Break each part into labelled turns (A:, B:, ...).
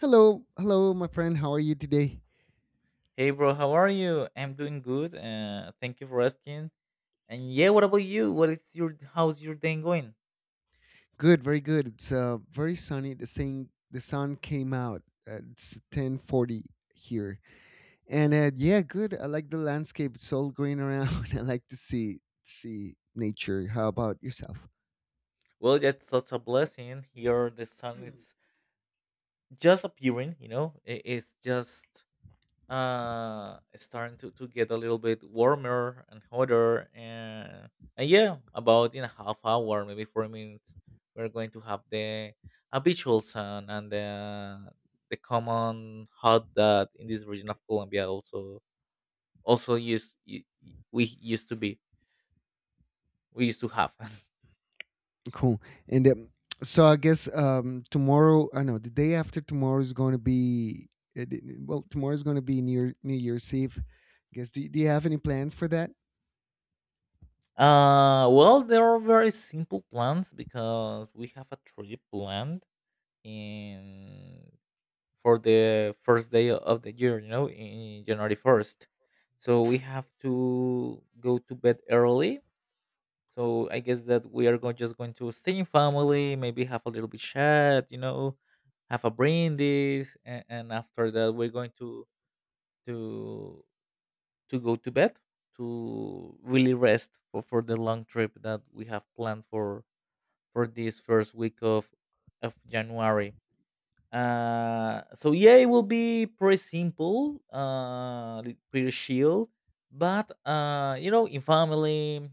A: Hello, hello, my friend. How are you today?
B: Hey, bro, how are you? I'm doing good. Thank you for asking. And yeah, what about you? What is your How's your day going?
A: Good, very good. It's very sunny. The sun came out. It's 10:40 here, and yeah, good. I like the landscape. It's all green around. I like to see nature. How about yourself?
B: Well, that's such a blessing. Here, the sun is just appearing. You know, it's just starting to get a little bit warmer and hotter. And yeah, about in a half hour, maybe 40 minutes, we're going to have the habitual sun and the common hot that in this region of Colombia also used we used to be we used to have
A: Cool. And So I guess tomorrow, I know the day after tomorrow is going to be Tomorrow is going to be near New Year's Eve. I guess do you have any plans for that?
B: Well, there are very simple plans because we have a trip planned in for the first day of the year, you know, in January 1st, so we have to go to bed early. So I guess that we are going to stay in family, maybe have a little bit chat, you know, have a brindis, and after that we're going to to go to bed, to really rest for the long trip that we have planned for this first week of January. So yeah, it will be pretty simple, pretty chill, but you know, in family,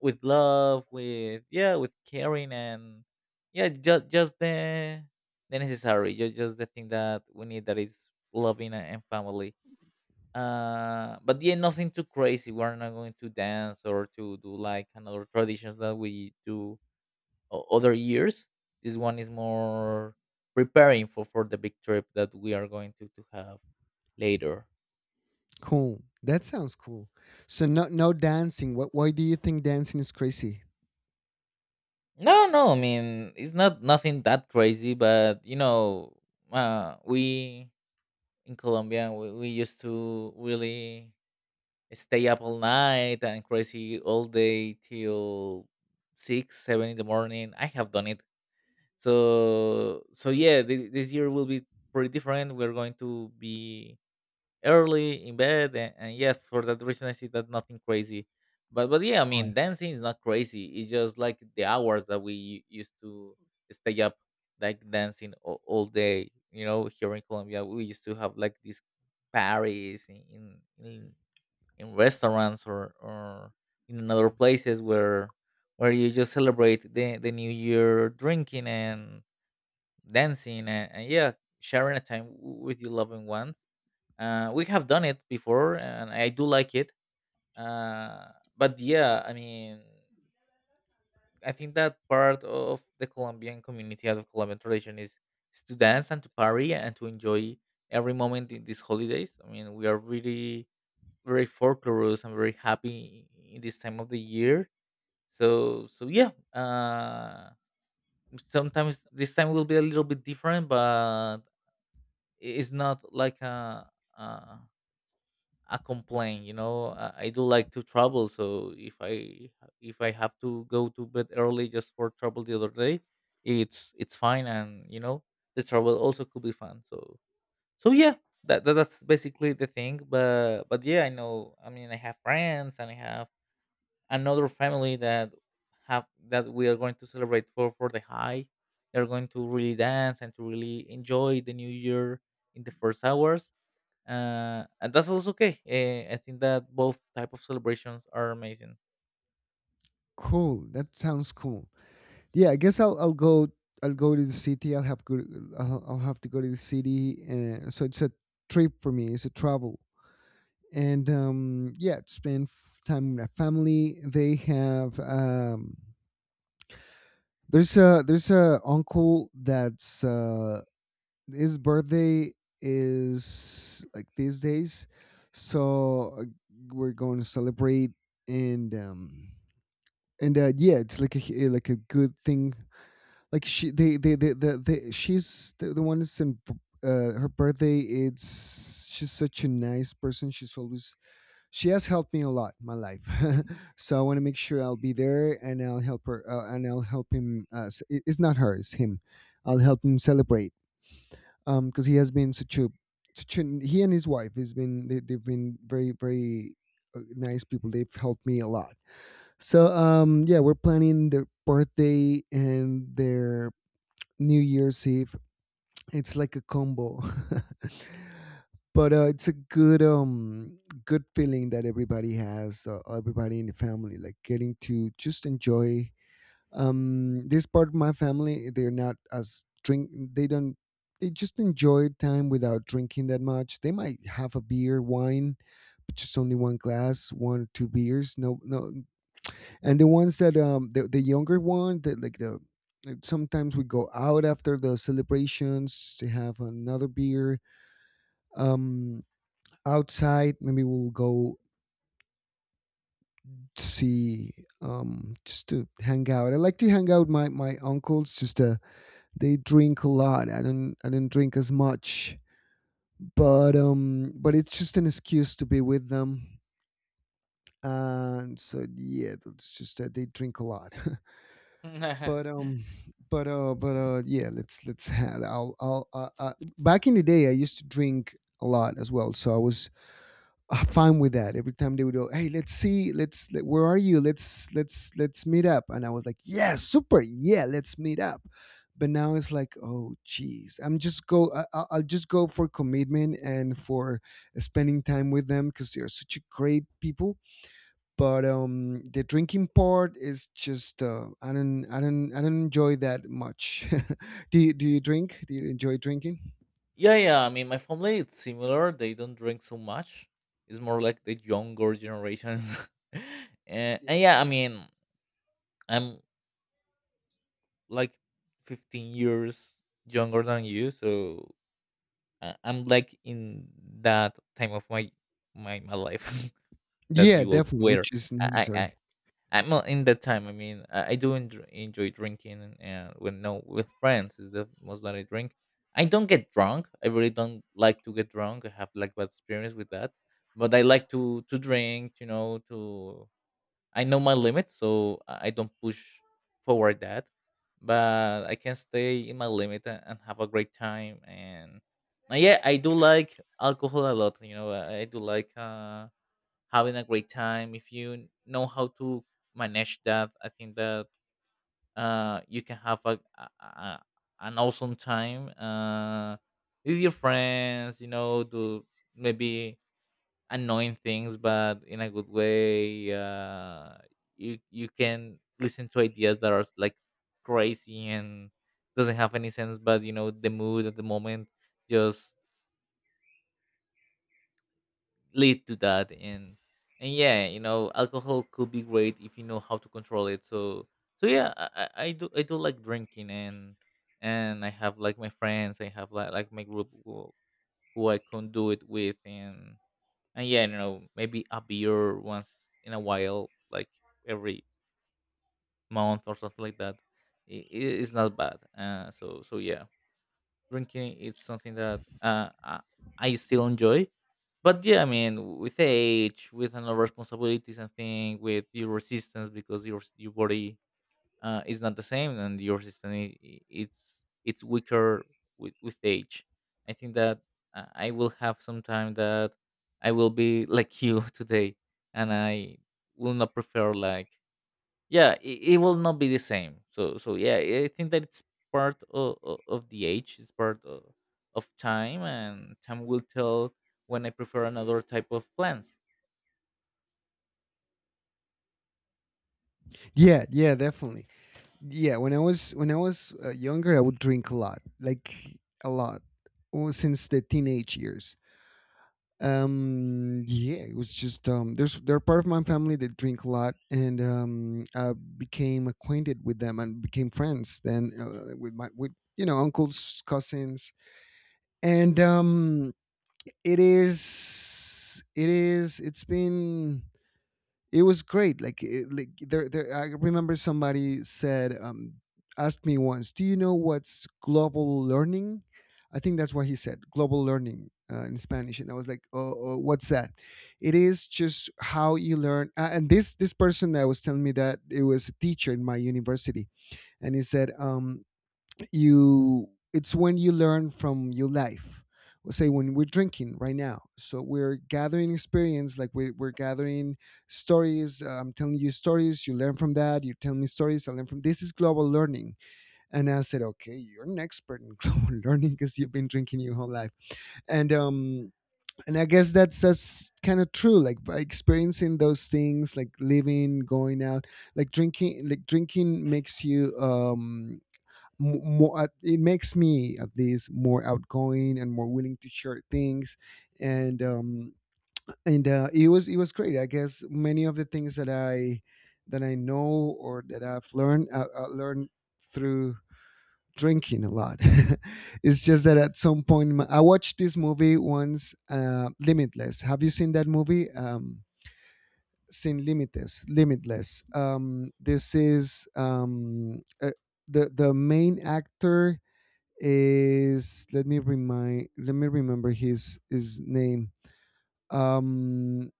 B: with love, with yeah, with caring, and yeah, just the necessary, just the thing that we need that is loving and family. But yeah, nothing too crazy. We're not going to dance or to do like another traditions that we do other years. This one is more preparing for the big trip that we are going to have later.
A: Cool. That sounds cool. So no dancing. What Why do you think dancing is crazy?
B: No, no, I mean, it's not nothing that crazy, but you know, we in Colombia we used to really stay up all night and crazy all day till six seven in the morning. I have done it. So so yeah, this year will be pretty different. We're going to be early in bed, and yeah, for that reason I see that nothing crazy. But yeah, I mean,
A: Us.
B: dancing is not crazy. It's just like the hours that we used to stay up, like dancing all day. You know, here in Colombia we used to have like these parties in restaurants or in other places where you just celebrate the new year, drinking and dancing, and yeah, sharing a time with your loving ones. We have done it before and I do like it. uh, but yeah, I mean, I think that part of the colombian community out of colombian tradition is to dance and to party and to enjoy every moment in these holidays. I mean, we are really very folklorous and very happy in this time of the year. So so yeah, sometimes this time will be a little bit different, but it's not like a, a complaint. You know, I do like to travel, so if I have to go to bed early just for travel the other day, it's fine. And you know, the travel also could be fun. So so yeah, that that's basically the thing. But yeah, I know, I mean, I have friends and I have another family that have that we are going to celebrate for the high. They're going to really dance and to really enjoy the new year in the first hours. And that's also okay. I think that both type of celebrations are amazing.
A: Cool. That sounds cool. Yeah, I guess I'll go to the city. I'll have to go to the city. So it's a trip for me. It's a travel. And yeah, to spend time with my family. They have there's a uncle that's his birthday is like these days, so we're going to celebrate and um and yeah, it's like a good thing. She's the one that's in her birthday. It's She's such a nice person. She has helped me a lot in my life. So I want to make sure I'll be there and I'll help her, and I'll help him. It's not her, it's him. I'll help him celebrate because he has been such an, he and his wife has been they've been very, nice people. They've helped me a lot, so yeah, we're planning their birthday and their New Year's Eve. It's like a combo. But it's a good, good feeling that everybody has. Everybody in the family, like, getting to just enjoy, this part of my family, they're not as drink, they don't, they just enjoy time without drinking that much. They might have a beer, wine, but just only one glass, one or two beers. No, no. And the ones that, the younger one, that like the like, sometimes we go out after the celebrations to have another beer, um outside, maybe we'll go to see, just to hang out. I like to hang out with my uncles, just to, they drink a lot. I don't drink as much, but it's just an excuse to be with them. And so yeah, it's just that they drink a lot. But yeah, let's have. I'll Back in the day, I used to drink a lot as well. So I was, fine with that. Every time they would go, "Hey, let's see, where are you? Let's meet up." And I was like, "Yeah, super, yeah, let's meet up." But now it's like, oh, geez, I'll just go for commitment and for spending time with them because they're such a great people. But the drinking part is just, I don't enjoy that much. Do you drink? Do you enjoy drinking?
B: Yeah, yeah. I mean, my family it's similar. They don't drink so much. It's more like the younger generations. and,
A: Yeah,
B: and yeah, I mean, I'm like 15 years younger than you, so I'm like in that time of my my life that
A: yeah,
B: you all
A: definitely,
B: were.
A: which is
B: I, I
A: necessary.
B: I'm not in that time. I mean, I do enjoy drinking, and when no, with friends is the most that I drink. I don't get drunk. I really don't like to get drunk. I have like bad experience with that. But I like to drink. You know, to I know my limit, so I don't push forward that. But I can stay in my limit, and have a great time. And yeah, I do like alcohol a lot. You know, I do like. Having a great time, if you know how to manage that, I think that you can have a, an awesome time with your friends. You know, do maybe annoying things, but in a good way. You you can listen to ideas that are like crazy and doesn't have any sense, but you know the mood at the moment just lead to that. And yeah, you know, alcohol could be great if you know how to control it. So so yeah, I I do like drinking. And I have like my friends. I have like my group who I can do it with. And yeah, you know, maybe a beer once in a while, like every month or something like that. It's not bad. So so yeah, drinking is something that I still enjoy. But yeah, I mean, with age, with other responsibilities and thing, with your resistance, because your body is not the same, and your resistance it's weaker with age. I think that I will have some time that I will be like you today, and I will not prefer like yeah, it will not be the same. So so yeah, I think that it's part of the age. It's part of time, and time will tell when I prefer another type of plants.
A: Yeah, yeah, definitely. Yeah, when I was younger, I would drink a lot, like a lot. Well, since the teenage years, yeah, it was just, there's they're part of my family that drink a lot, and I became acquainted with them and became friends then, with my, with you know, uncles, cousins, and it's been, it was great. Like, it, like there, I remember somebody said, asked me once, "Do you know what's global learning?" I think that's what he said, global learning, in Spanish, and I was like, "Oh, oh, what's that?" It is just how you learn. And this person that was telling me that, it was a teacher in my university, and he said, you, it's when you learn from your life. Well, say when we're drinking right now, so we're gathering experience, like we're gathering stories, I'm telling you stories, you learn from that, you tell me stories, I learn from, this is global learning. And I said, okay, you're an expert in global learning because you've been drinking your whole life. And I guess that's kind of true, like by experiencing those things, like living, going out, like drinking, like drinking makes you, more, it makes me at least more outgoing and more willing to share things. And it was, it was great. I guess many of the things that I that I know or that I've learned, through drinking a lot. It's just
B: Mm.
A: that at some point in I watched this movie once, Limitless. Have you seen that movie? Sin Limitless, this is, the main actor is, let me remember his name. Um,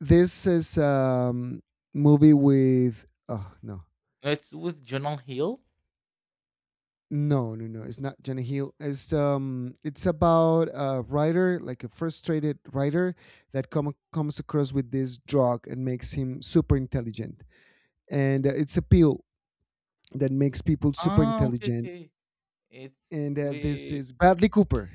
A: this is, movie with, oh no
B: It's with Jonah Hill.
A: no no no, it's not Jenna Hill. It's, it's about a writer, like a frustrated writer that comes across with this drug and makes him super intelligent. And it's a pill that makes people super
B: Ah, okay,
A: intelligent.
B: okay. It's
A: And this
B: with
A: is Bradley Cooper,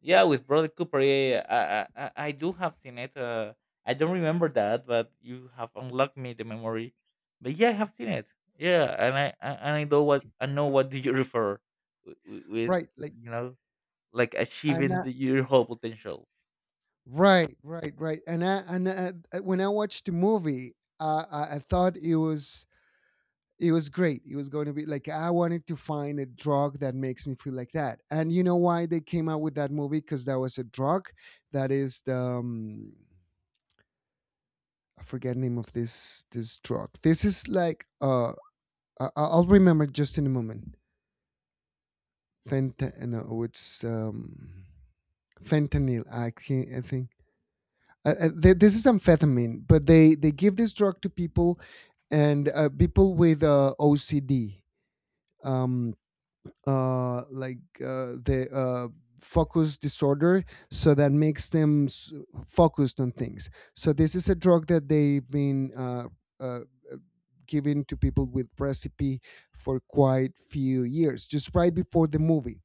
B: Yeah, with Bradley Cooper. Yeah, yeah, yeah. I do have seen it. I don't remember that, but you have unlocked me the memory. But yeah, I have seen it. Yeah, and and I know what do you refer with, with
A: right? Like,
B: you know, like
A: and
B: achieving the, your whole potential.
A: Right, right, right. And when I watched the movie, I thought it was, it was great. It was going to be like, I wanted to find a drug that makes me feel like that. And you know why they came out with that movie? Because that was a drug, that is the, I forget the name of this drug. This is like, I'll remember just in a moment. Fentan no, it's, fentanyl. I think, this is amphetamine, but they give this drug to people. And people with, OCD, um, like the focus disorder, so that makes them, focused on things. So this is a drug that they've been, uh, given to people with recipe for quite few years, just right before the movie.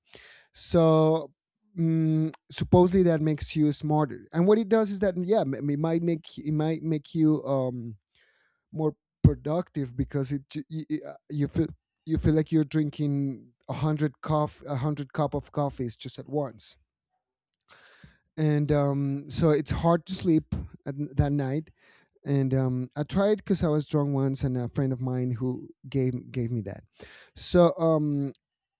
A: So, mm, supposedly that makes you smarter. And what it does is that, yeah, it might make you, more productive because it, you feel, you feel like you're drinking a hundred cup of coffees just at once. And so it's hard to sleep at, that night. And I tried because I was drunk once, and a friend of mine who gave me that. So um,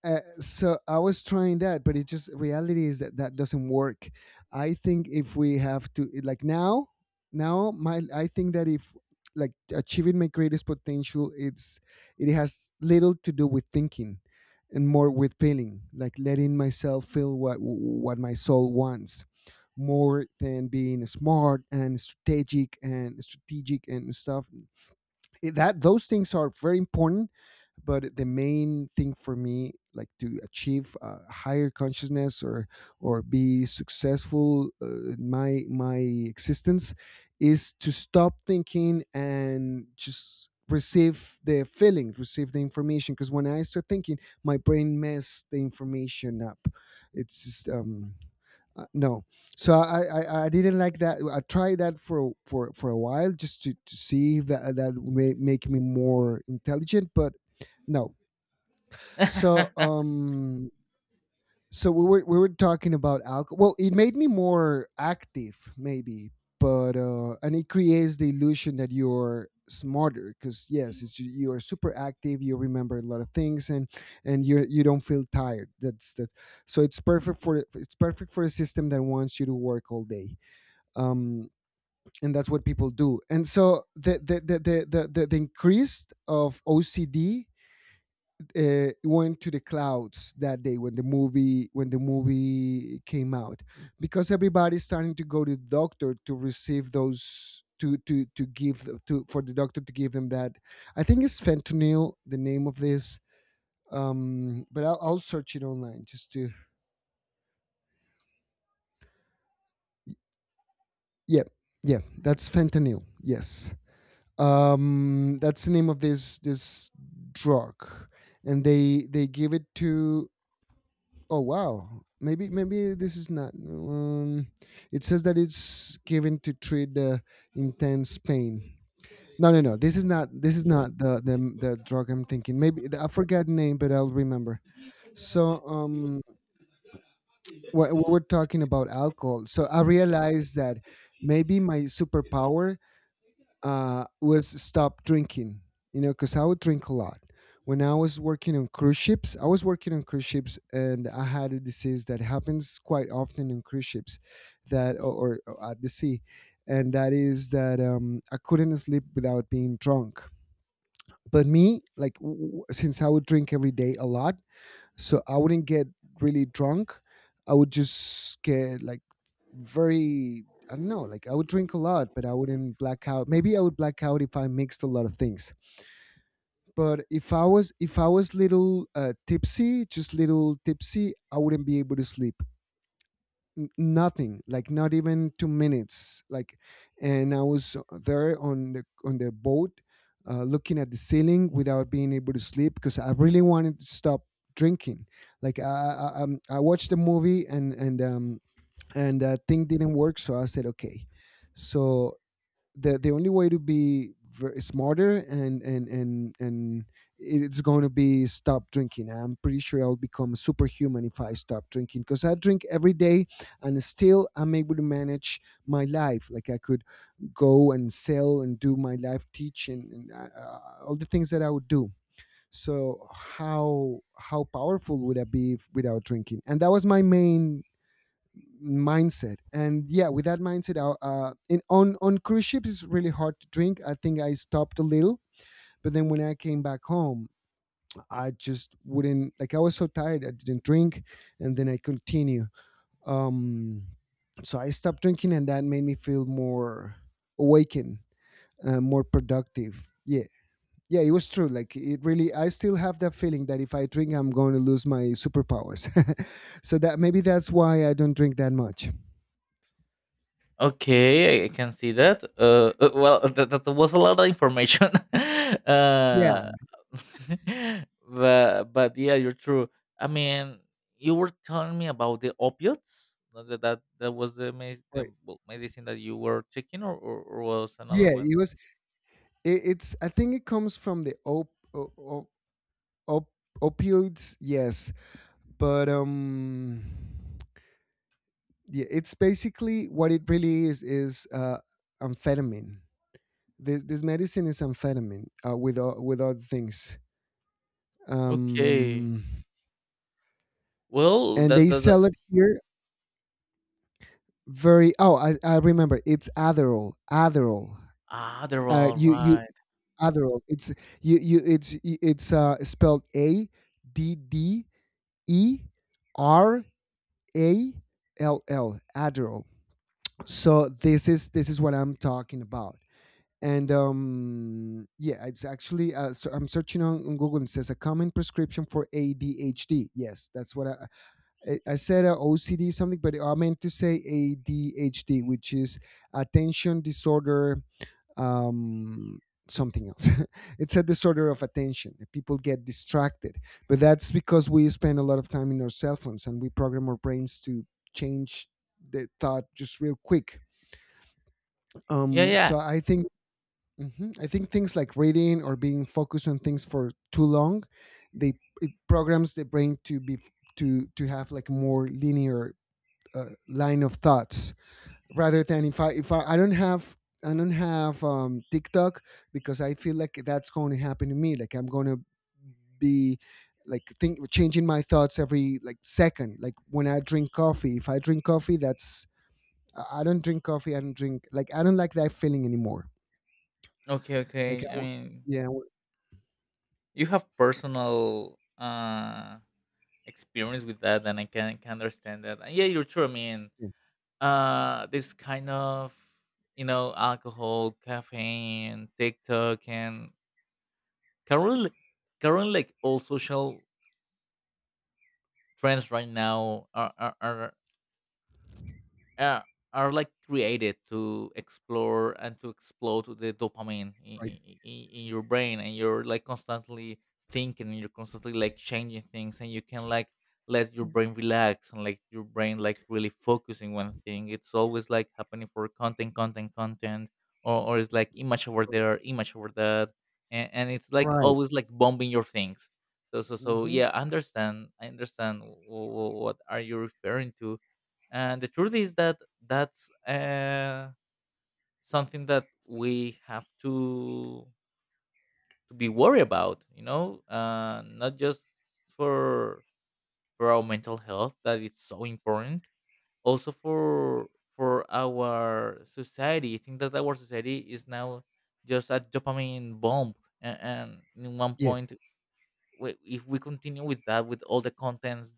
A: uh, so I was trying that, but it just, reality is that that doesn't work. I think if we have to, like, now, now my I think that if, like, achieving my greatest potential, it has little to do with thinking and more with feeling, like letting myself feel what my soul wants, more than being smart and strategic and stuff. Eh, that, those things are very important, but the main thing for me, like to achieve, higher consciousness or be successful, in my existence, is to stop thinking and just receive the feeling, receive the information, because when I start thinking, my brain mess the information up. It's just, no. So I didn't like that. I tried that for a while, just to see if that, that may make me more intelligent, but no. So we were talking about alcohol. Well, it made me more active, maybe, but and it creates the illusion that you're smarter, because yes, it's, you are super active. You remember a lot of things, and you, you don't feel tired. That's that. So it's perfect for, it's perfect for a system that wants you to work all day. Um, and that's what people do. And so the increase of OCD, went to the clouds that day when the movie came out, because everybody's starting to go to the doctor to receive those, to give to for the doctor to give them that. I think it's fentanyl, the name of this, but I'll search it online just to, yeah, yeah, that's fentanyl, yes. That's the name of this drug, and they give it to, oh wow. Maybe maybe this is not. It says that it's given to treat the intense pain. No, no, no. This is not. This is not the drug I'm thinking. Maybe I forgot the name, but I'll remember. So um, we are talking about alcohol. So I realized that maybe my superpower was stop drinking. You know, because I would drink a lot. When I was working on cruise ships, I was working on cruise ships, and I had a disease that happens quite often on cruise ships, that or at the sea, and that is that I couldn't sleep without being drunk. But me, like since I would drink every day a lot, so I wouldn't get really drunk. I would just get like very, I don't know, like I would drink a lot, but I wouldn't black out. Maybe I would black out if I mixed a lot of things. But if I was little tipsy, just little tipsy, I wouldn't be able to sleep, nothing, like not even 2 minutes. Like, and I was there on the boat looking at the ceiling without being able to sleep because I really wanted to stop drinking. Like, I watched the movie and that thing didn't work, so I said okay. So the only way to be smarter and it's going to be stop drinking. I'm pretty sure I'll become superhuman if I stop drinking because I drink every day and still I'm able to manage my life. Like I could go and sell and do my life teaching and all the things that I would do. So how powerful would I be if, without drinking? And that was my main mindset. And yeah, with that mindset, in on cruise ships it's really hard to drink. I think I stopped a little, but then when I came back home I just wouldn't. Like, I was so tired I didn't drink, and then I continue. um so I stopped drinking and that made me feel more awakened, more productive. Yeah, yeah, it was true. Like, it really, I still have that feeling that if I drink I'm going to lose my superpowers. So that, maybe that's why I don't drink that much.
B: Okay, I can see that. Well, that was a lot of information.
A: Yeah.
B: uh, but yeah, you're true. I mean, you were telling me about the opiates. Uh, that that was the, the
A: Right.
B: well, medicine that you were taking, or was another
A: Yeah,
B: one?
A: it was. It's. I think it comes from the op, o, o, op, opioids. Yes, but yeah, it's basically what it really is amphetamine. This medicine is amphetamine with with other things.
B: Okay.
A: Um,
B: Well,
A: and they
B: that
A: sell it here very. Oh, I remember. It's Adderall. Adderall.
B: ah, they're all
A: You you
B: right.
A: Adderall. It's you you. It's spelled A D D E R A L L. Adderall. So this is what I'm talking about. And yeah, it's actually so I'm searching on Google, and it says a common prescription for ADHD. Yes, that's what I I said OCD something, but I meant to say ADHD, which is attention disorder, um, something else. It's a disorder of attention. People get distracted, but that's because we spend a lot of time in our cell phones and we program our brains to change the thought just real quick.
B: Yeah, yeah.
A: So I think, mhm, I think things like reading or being focused on things for too long, they, it programs the brain to be, to have like more linear line of thoughts, rather than if I don't have, I don't have TikTok, because I feel like that's going to happen to me. Like, I'm going to be like, think changing my thoughts every like second. Like when I drink coffee, if I drink coffee, that's, I don't drink coffee. I don't drink, like I don't like that feeling anymore.
B: Okay,
A: Like
B: okay. I mean,
A: I want,
B: you have personal. Experience with that, and I can understand that. And yeah, you're true. I mean,
A: yeah,
B: this kind of, you know, alcohol, caffeine, TikTok, and can can really like all social trends right now uh, are like created to explore and to explode the dopamine
A: right,
B: in your brain. And you're like constantly thinking, and you're constantly like changing things, and you can like let your brain relax and like your brain like really focusing one thing. It's always like happening for content content. Or it's like image over
A: right,
B: there, image over that. And it's like
A: right.
B: always like bombing your things. So so so
A: Hmm.
B: yeah, I understand. I understand what are you referring to. And the truth is that that's something that we have to be worried about, you know, not just for for our mental health that is so important, also for our society. I think that our society is now just a dopamine bomb. And in one
A: Yeah,
B: point we, if we continue with that, with all the contents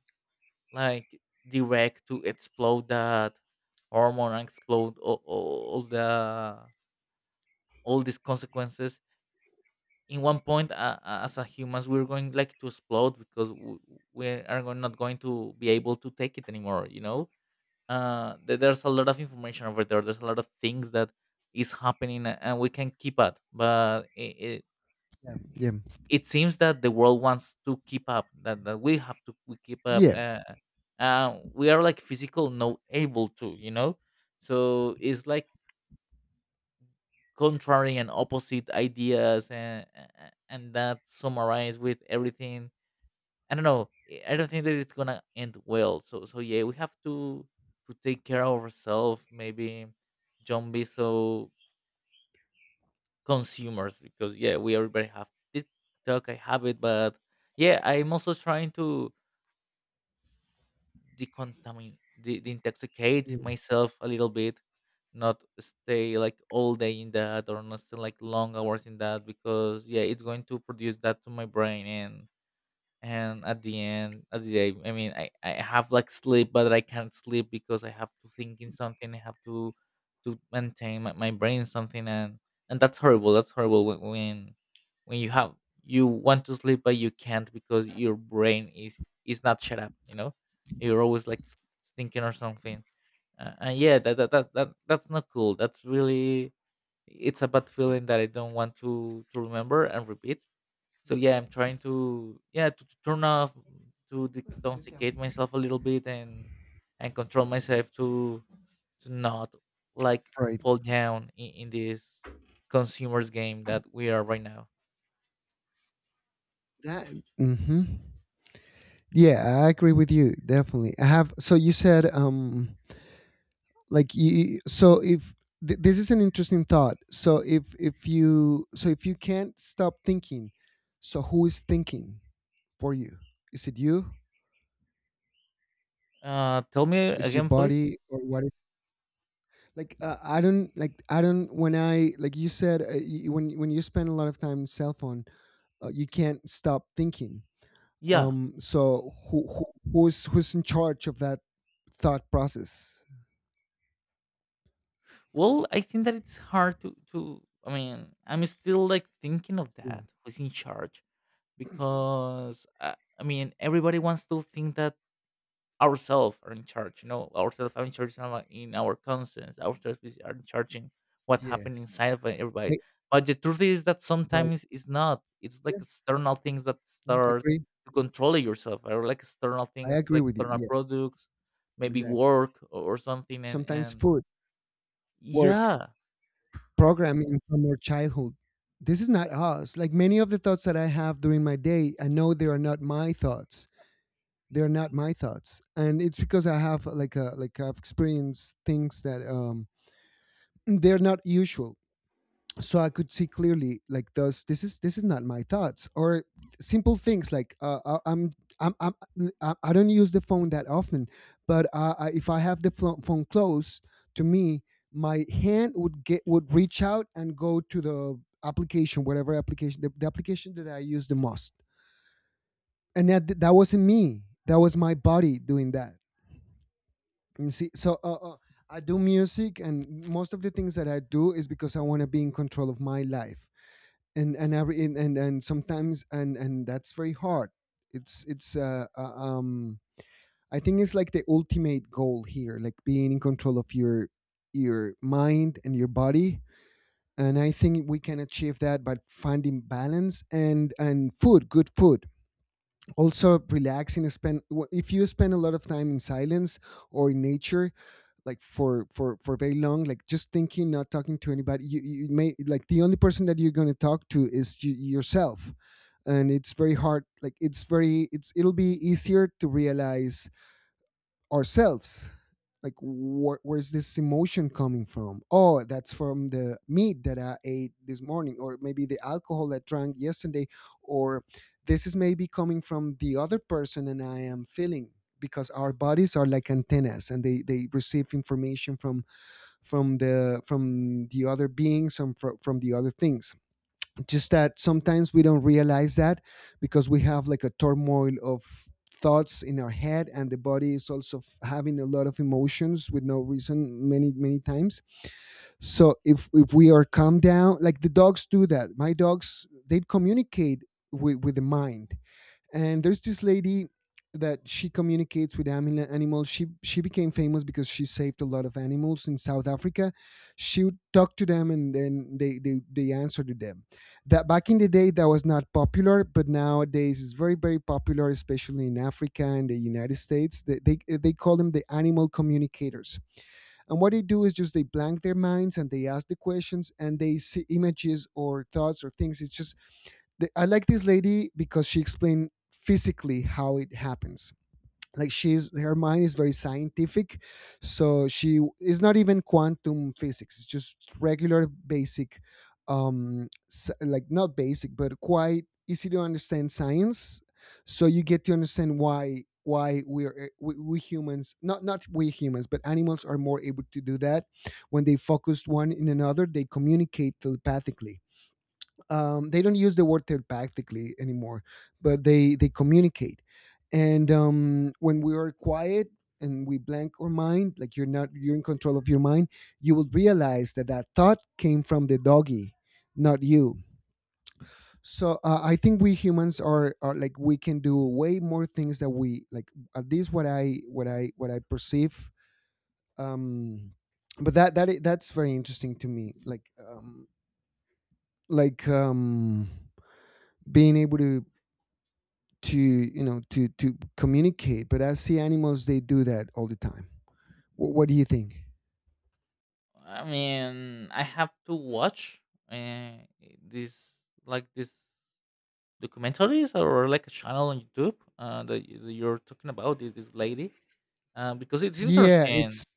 B: like direct to explode that hormone and explode all the all these consequences in one point, as a humans, we're going like to explode because we are not going to be able to take it anymore, you know. There's a lot of information over there. There's a lot of things that is happening, and we can keep at, but I
A: yeah, yeah,
B: it seems that the world wants to keep up that we have to we keep up,
A: yeah,
B: we are like physical no able to, you know. So it's like contrary and opposite ideas, and that summarized with everything, I don't know, I don't think that it's gonna end well. So so yeah, we have to take care of ourselves. Maybe don't be so consumers, because yeah, we everybody have TikTok. I have it, but yeah, I'm also trying to decontamin de
A: yeah,
B: deintoxicate myself a little bit, not stay like all day in that, or not stay like long hours in that, because yeah, it's going to produce that to my brain. And at the end of the day, I mean, I have like Sleep, but I can't sleep because I have to think in something. I have to maintain my brain in something. And that's horrible. That's horrible when when you have, you want to sleep but you can't because your brain is not shut up, you're always like thinking or something. And yeah, that's not cool. That's really, it's a bad feeling that I don't want to remember and repeat. So yeah, I'm trying to, yeah, to turn off, to detoxicate myself a little bit, and control myself to not, like,
A: right.
B: fall down in this consumers game that we are right now.
A: That, hmm, yeah, I agree with you definitely. I have. So you said, like you, so if this is an interesting thought. So if you can't stop thinking, so who is thinking for you? Is it you?
B: Tell me
A: Is your
B: again, please.
A: body? Or what is, like I don't, like I don't, when I, like you said when you spend a lot of time on cell phone, you can't stop thinking.
B: Yeah.
A: So who's in charge of that thought process?
B: Well, I think that it's hard to to. I mean, I'm still like thinking of
A: Yeah.
B: that. Who's in charge? Because I mean, everybody wants to think that ourselves are in charge. You know, ourselves are in charge in our conscience. Ourselves are in charge in what
A: Yeah.
B: happened inside of everybody.
A: I,
B: But the truth is that
A: right.
B: sometimes it's not. It's like
A: Yeah.
B: external things that
A: Yeah,
B: start
A: agree.
B: to control yourself, or like external
A: I
B: things,
A: agree
B: like
A: with you,
B: external
A: yeah.
B: products, maybe
A: Exactly.
B: work or something. And
A: Sometimes
B: and
A: food, work,
B: yeah,
A: programming from our childhood. This is not us. Like many of the thoughts that I have during my day, I know they are not my thoughts. They are not my thoughts, and it's because I have like a, like I've experienced things that they're not usual. So I could see clearly like those, this is, this is not my thoughts. Or simple things like I- I'm I don't use the phone that often. But if I have the phone close to me, my hand would get, would reach out and go to the application, whatever application, the application that I use the most. And that, that wasn't me, that was my body doing that. You see? So I do music, and most of the things that I do is because I want to be in control of my life. And every and sometimes and that's very hard. It's I think it's like the ultimate goal here, like being in control of your mind and your body. And I think we can achieve that by finding balance, and food good food, also relaxing. Spend, if you spend a lot of time in silence or in nature, like for for very long, like just thinking, not talking to anybody, you may, like the only person that you're going to talk to is you, yourself. And it's very hard. Like, it's very, it's it'll be easier to realize ourselves, like where's this emotion coming from? Oh, that's from the meat that I ate this morning, or maybe the alcohol that drank yesterday. Or this is maybe coming from the other person and I am feeling, because our bodies are like antennas, and they receive information from the, from the other beings, and from the other things. Just that sometimes we don't realize that, because we have like a turmoil of thoughts in our head, and the body is also having a lot of emotions with no reason, many many times. So if we are calm down, like the dogs do, that my dogs, they communicate with the mind. And there's this lady that she communicates with animals. She became famous because she saved a lot of animals in South Africa. She would talk to them, and then they, they answer to them. That back in the day that was not popular, but nowadays is very very popular, especially in Africa and the United States. They, they call them the animal communicators. And what they do is just they blank their minds, and they ask the questions, and they see images or thoughts or things. It's just, I like this lady because she explained physically how it happens. Like, she's, her mind is very scientific, so she is not even quantum physics, it's just regular basic, like not basic, but quite easy to understand science. So you get to understand why we are, we humans, not not we humans, but animals are more able to do that. When they focus one in another, they communicate telepathically. They don't use the word telepathically anymore, but they communicate. And when we are quiet and we blank our mind, like you're not, you're in control of your mind, you will realize that that thought came from the doggy, not you. So I think we humans are like, we can do way more things that we like. At least what I, what I, what I perceive. Um, but that that that's very interesting to me. Like being able to, you know, to communicate, but as sea animals, they do that all the time. What do you think?
B: I mean, I have to watch uh, this, like, this documentaries or like a channel on YouTube that, that you're talking about. This lady, because it's
A: Yeah,
B: interesting.
A: it's.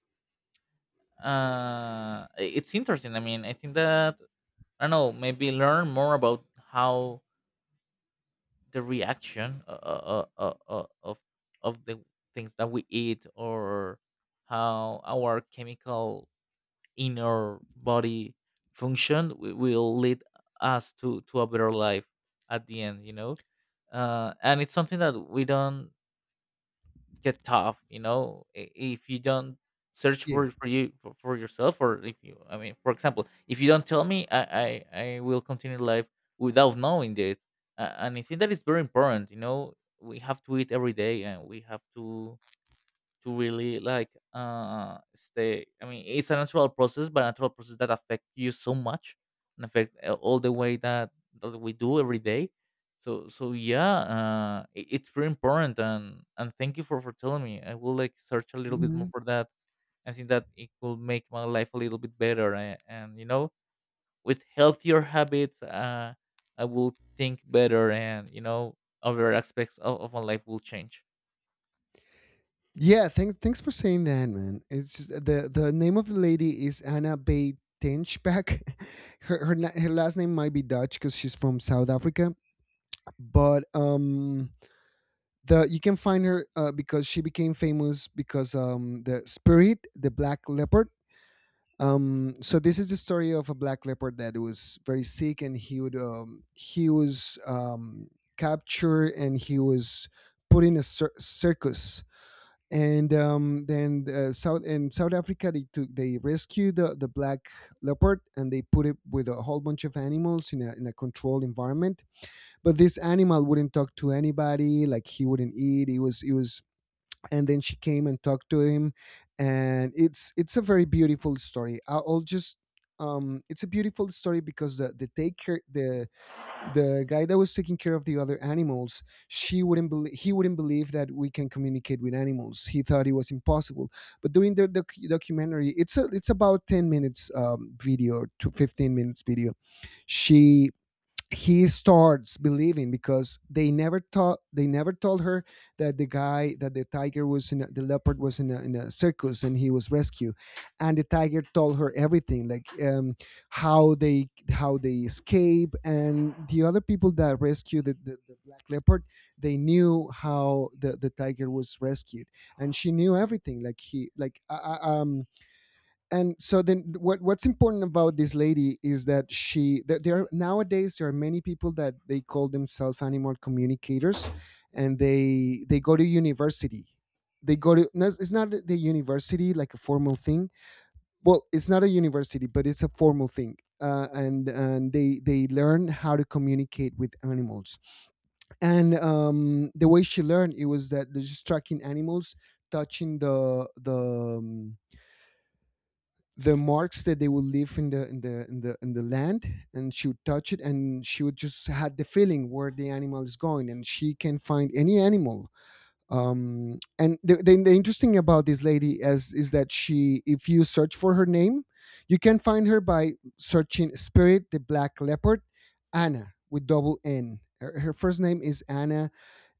B: Uh, it's interesting. I mean, I think that I don't know. Maybe learn more about how the reaction of the things that we eat, or how our chemical inner body function will lead us to a better life at the end. You know, and it's something that we don't get tough, you know. If you don't search
A: Yeah.
B: for you for yourself, or if you, I mean, for example, if you don't tell me, I will continue life without knowing it. And I think that is very important, you know. We have to eat every day, and we have to really like, uh, stay, I mean, it's a natural process, but a natural process that affect you so much and affect all the way that that we do every day. So so yeah, uh, it, it's very important. And thank you for telling me. I will like search a little bit
A: Hmm.
B: more for that. I think that it will make my life a little bit better, and you know, with healthier habits. I will think better, and you know, other aspects of my life will change.
A: Yeah, thanks, thanks for saying that, man. It's just, the name of the lady is Anna Bay Tinchback. Her, her her last name might be Dutch because she's from South Africa. But the, you can find her because she became famous because the spirit the black leopard. So this is the story of a black leopard that was very sick, and he would he was captured, and he was put in a circus. And then South in South Africa, they rescued the black leopard, and they put it with a whole bunch of animals in a controlled environment. But this animal wouldn't talk to anybody. Like, he wouldn't eat. He was and then she came and talked to him, and it's a very beautiful story. I'll just it's a beautiful story because the take care the guy that was taking care of the other animals, she wouldn't believe he wouldn't believe that we can communicate with animals. He thought it was impossible. But during the documentary, it's about 10 minutes video to 15 minutes video, she he starts believing because they never told her that the guy that the tiger was in a, the leopard was in a circus and he was rescued. And the tiger told her everything, like, how they escape. And the other people that rescued the black leopard, they knew how the tiger was rescued. And she knew everything, like he like and so then what's important about this lady is that she there are, nowadays there are many people that they call themselves animal communicators, and they go to university. They go to, no, it's not the university, like a formal thing. Well, it's not a university, but it's a formal thing, and they learn how to communicate with animals. And the way she learned it was that, just tracking animals, touching the um, the marks that they would leave in the land. And she would touch it, and she would just had the feeling where the animal is going, and she can find any animal. And the interesting about this lady is that, she if you search for her name, you can find her by searching Spirit the Black Leopard. Anna, with double N. Her first name is Anna,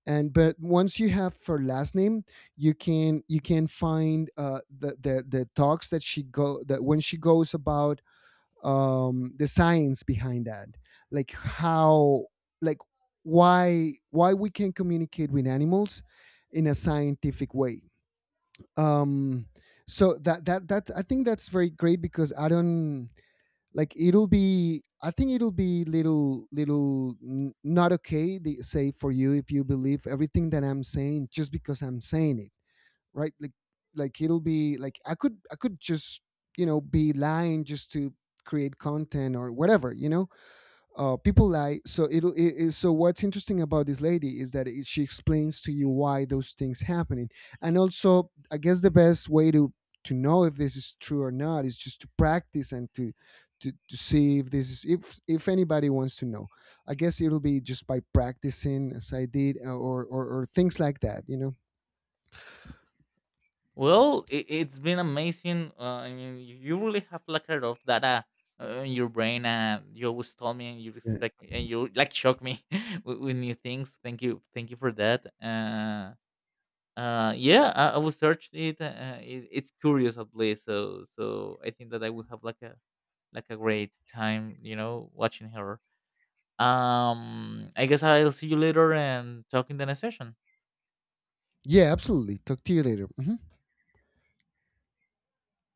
A: and but once you have her last name, you can find the talks that she go that when she goes about the science behind that, like how, like why, we can communicate with animals in a scientific way. um so that that that I think that's very great, because I don't, like, it'll be, I think it'll be little not okay say, for you, if you believe everything that I'm saying just because I'm saying it, right? Like it'll be like, I could just, you know, be lying just to create content or whatever, you know. People lie. So it'll, so what's interesting about this lady is that, she explains to you why those things happening. And also, I guess the best way to know if this is true or not is just to practice and to, to see if this is, if anybody wants to know. I guess it'll be just by practicing as I did, or things like that, you know.
B: Well, it, it's been amazing. I mean, you really have like a lot of data in your brain, and you always tell me, and you
A: Yeah,
B: respect, me, and you like shock me with new things. Thank you for that. Yeah, I will search it. It. It's curious at least, so so I think that I will have like a great time, you know, watching her. I guess I'll see you later and talk in the next session.
A: Yeah, absolutely. Talk to you later. Mhm.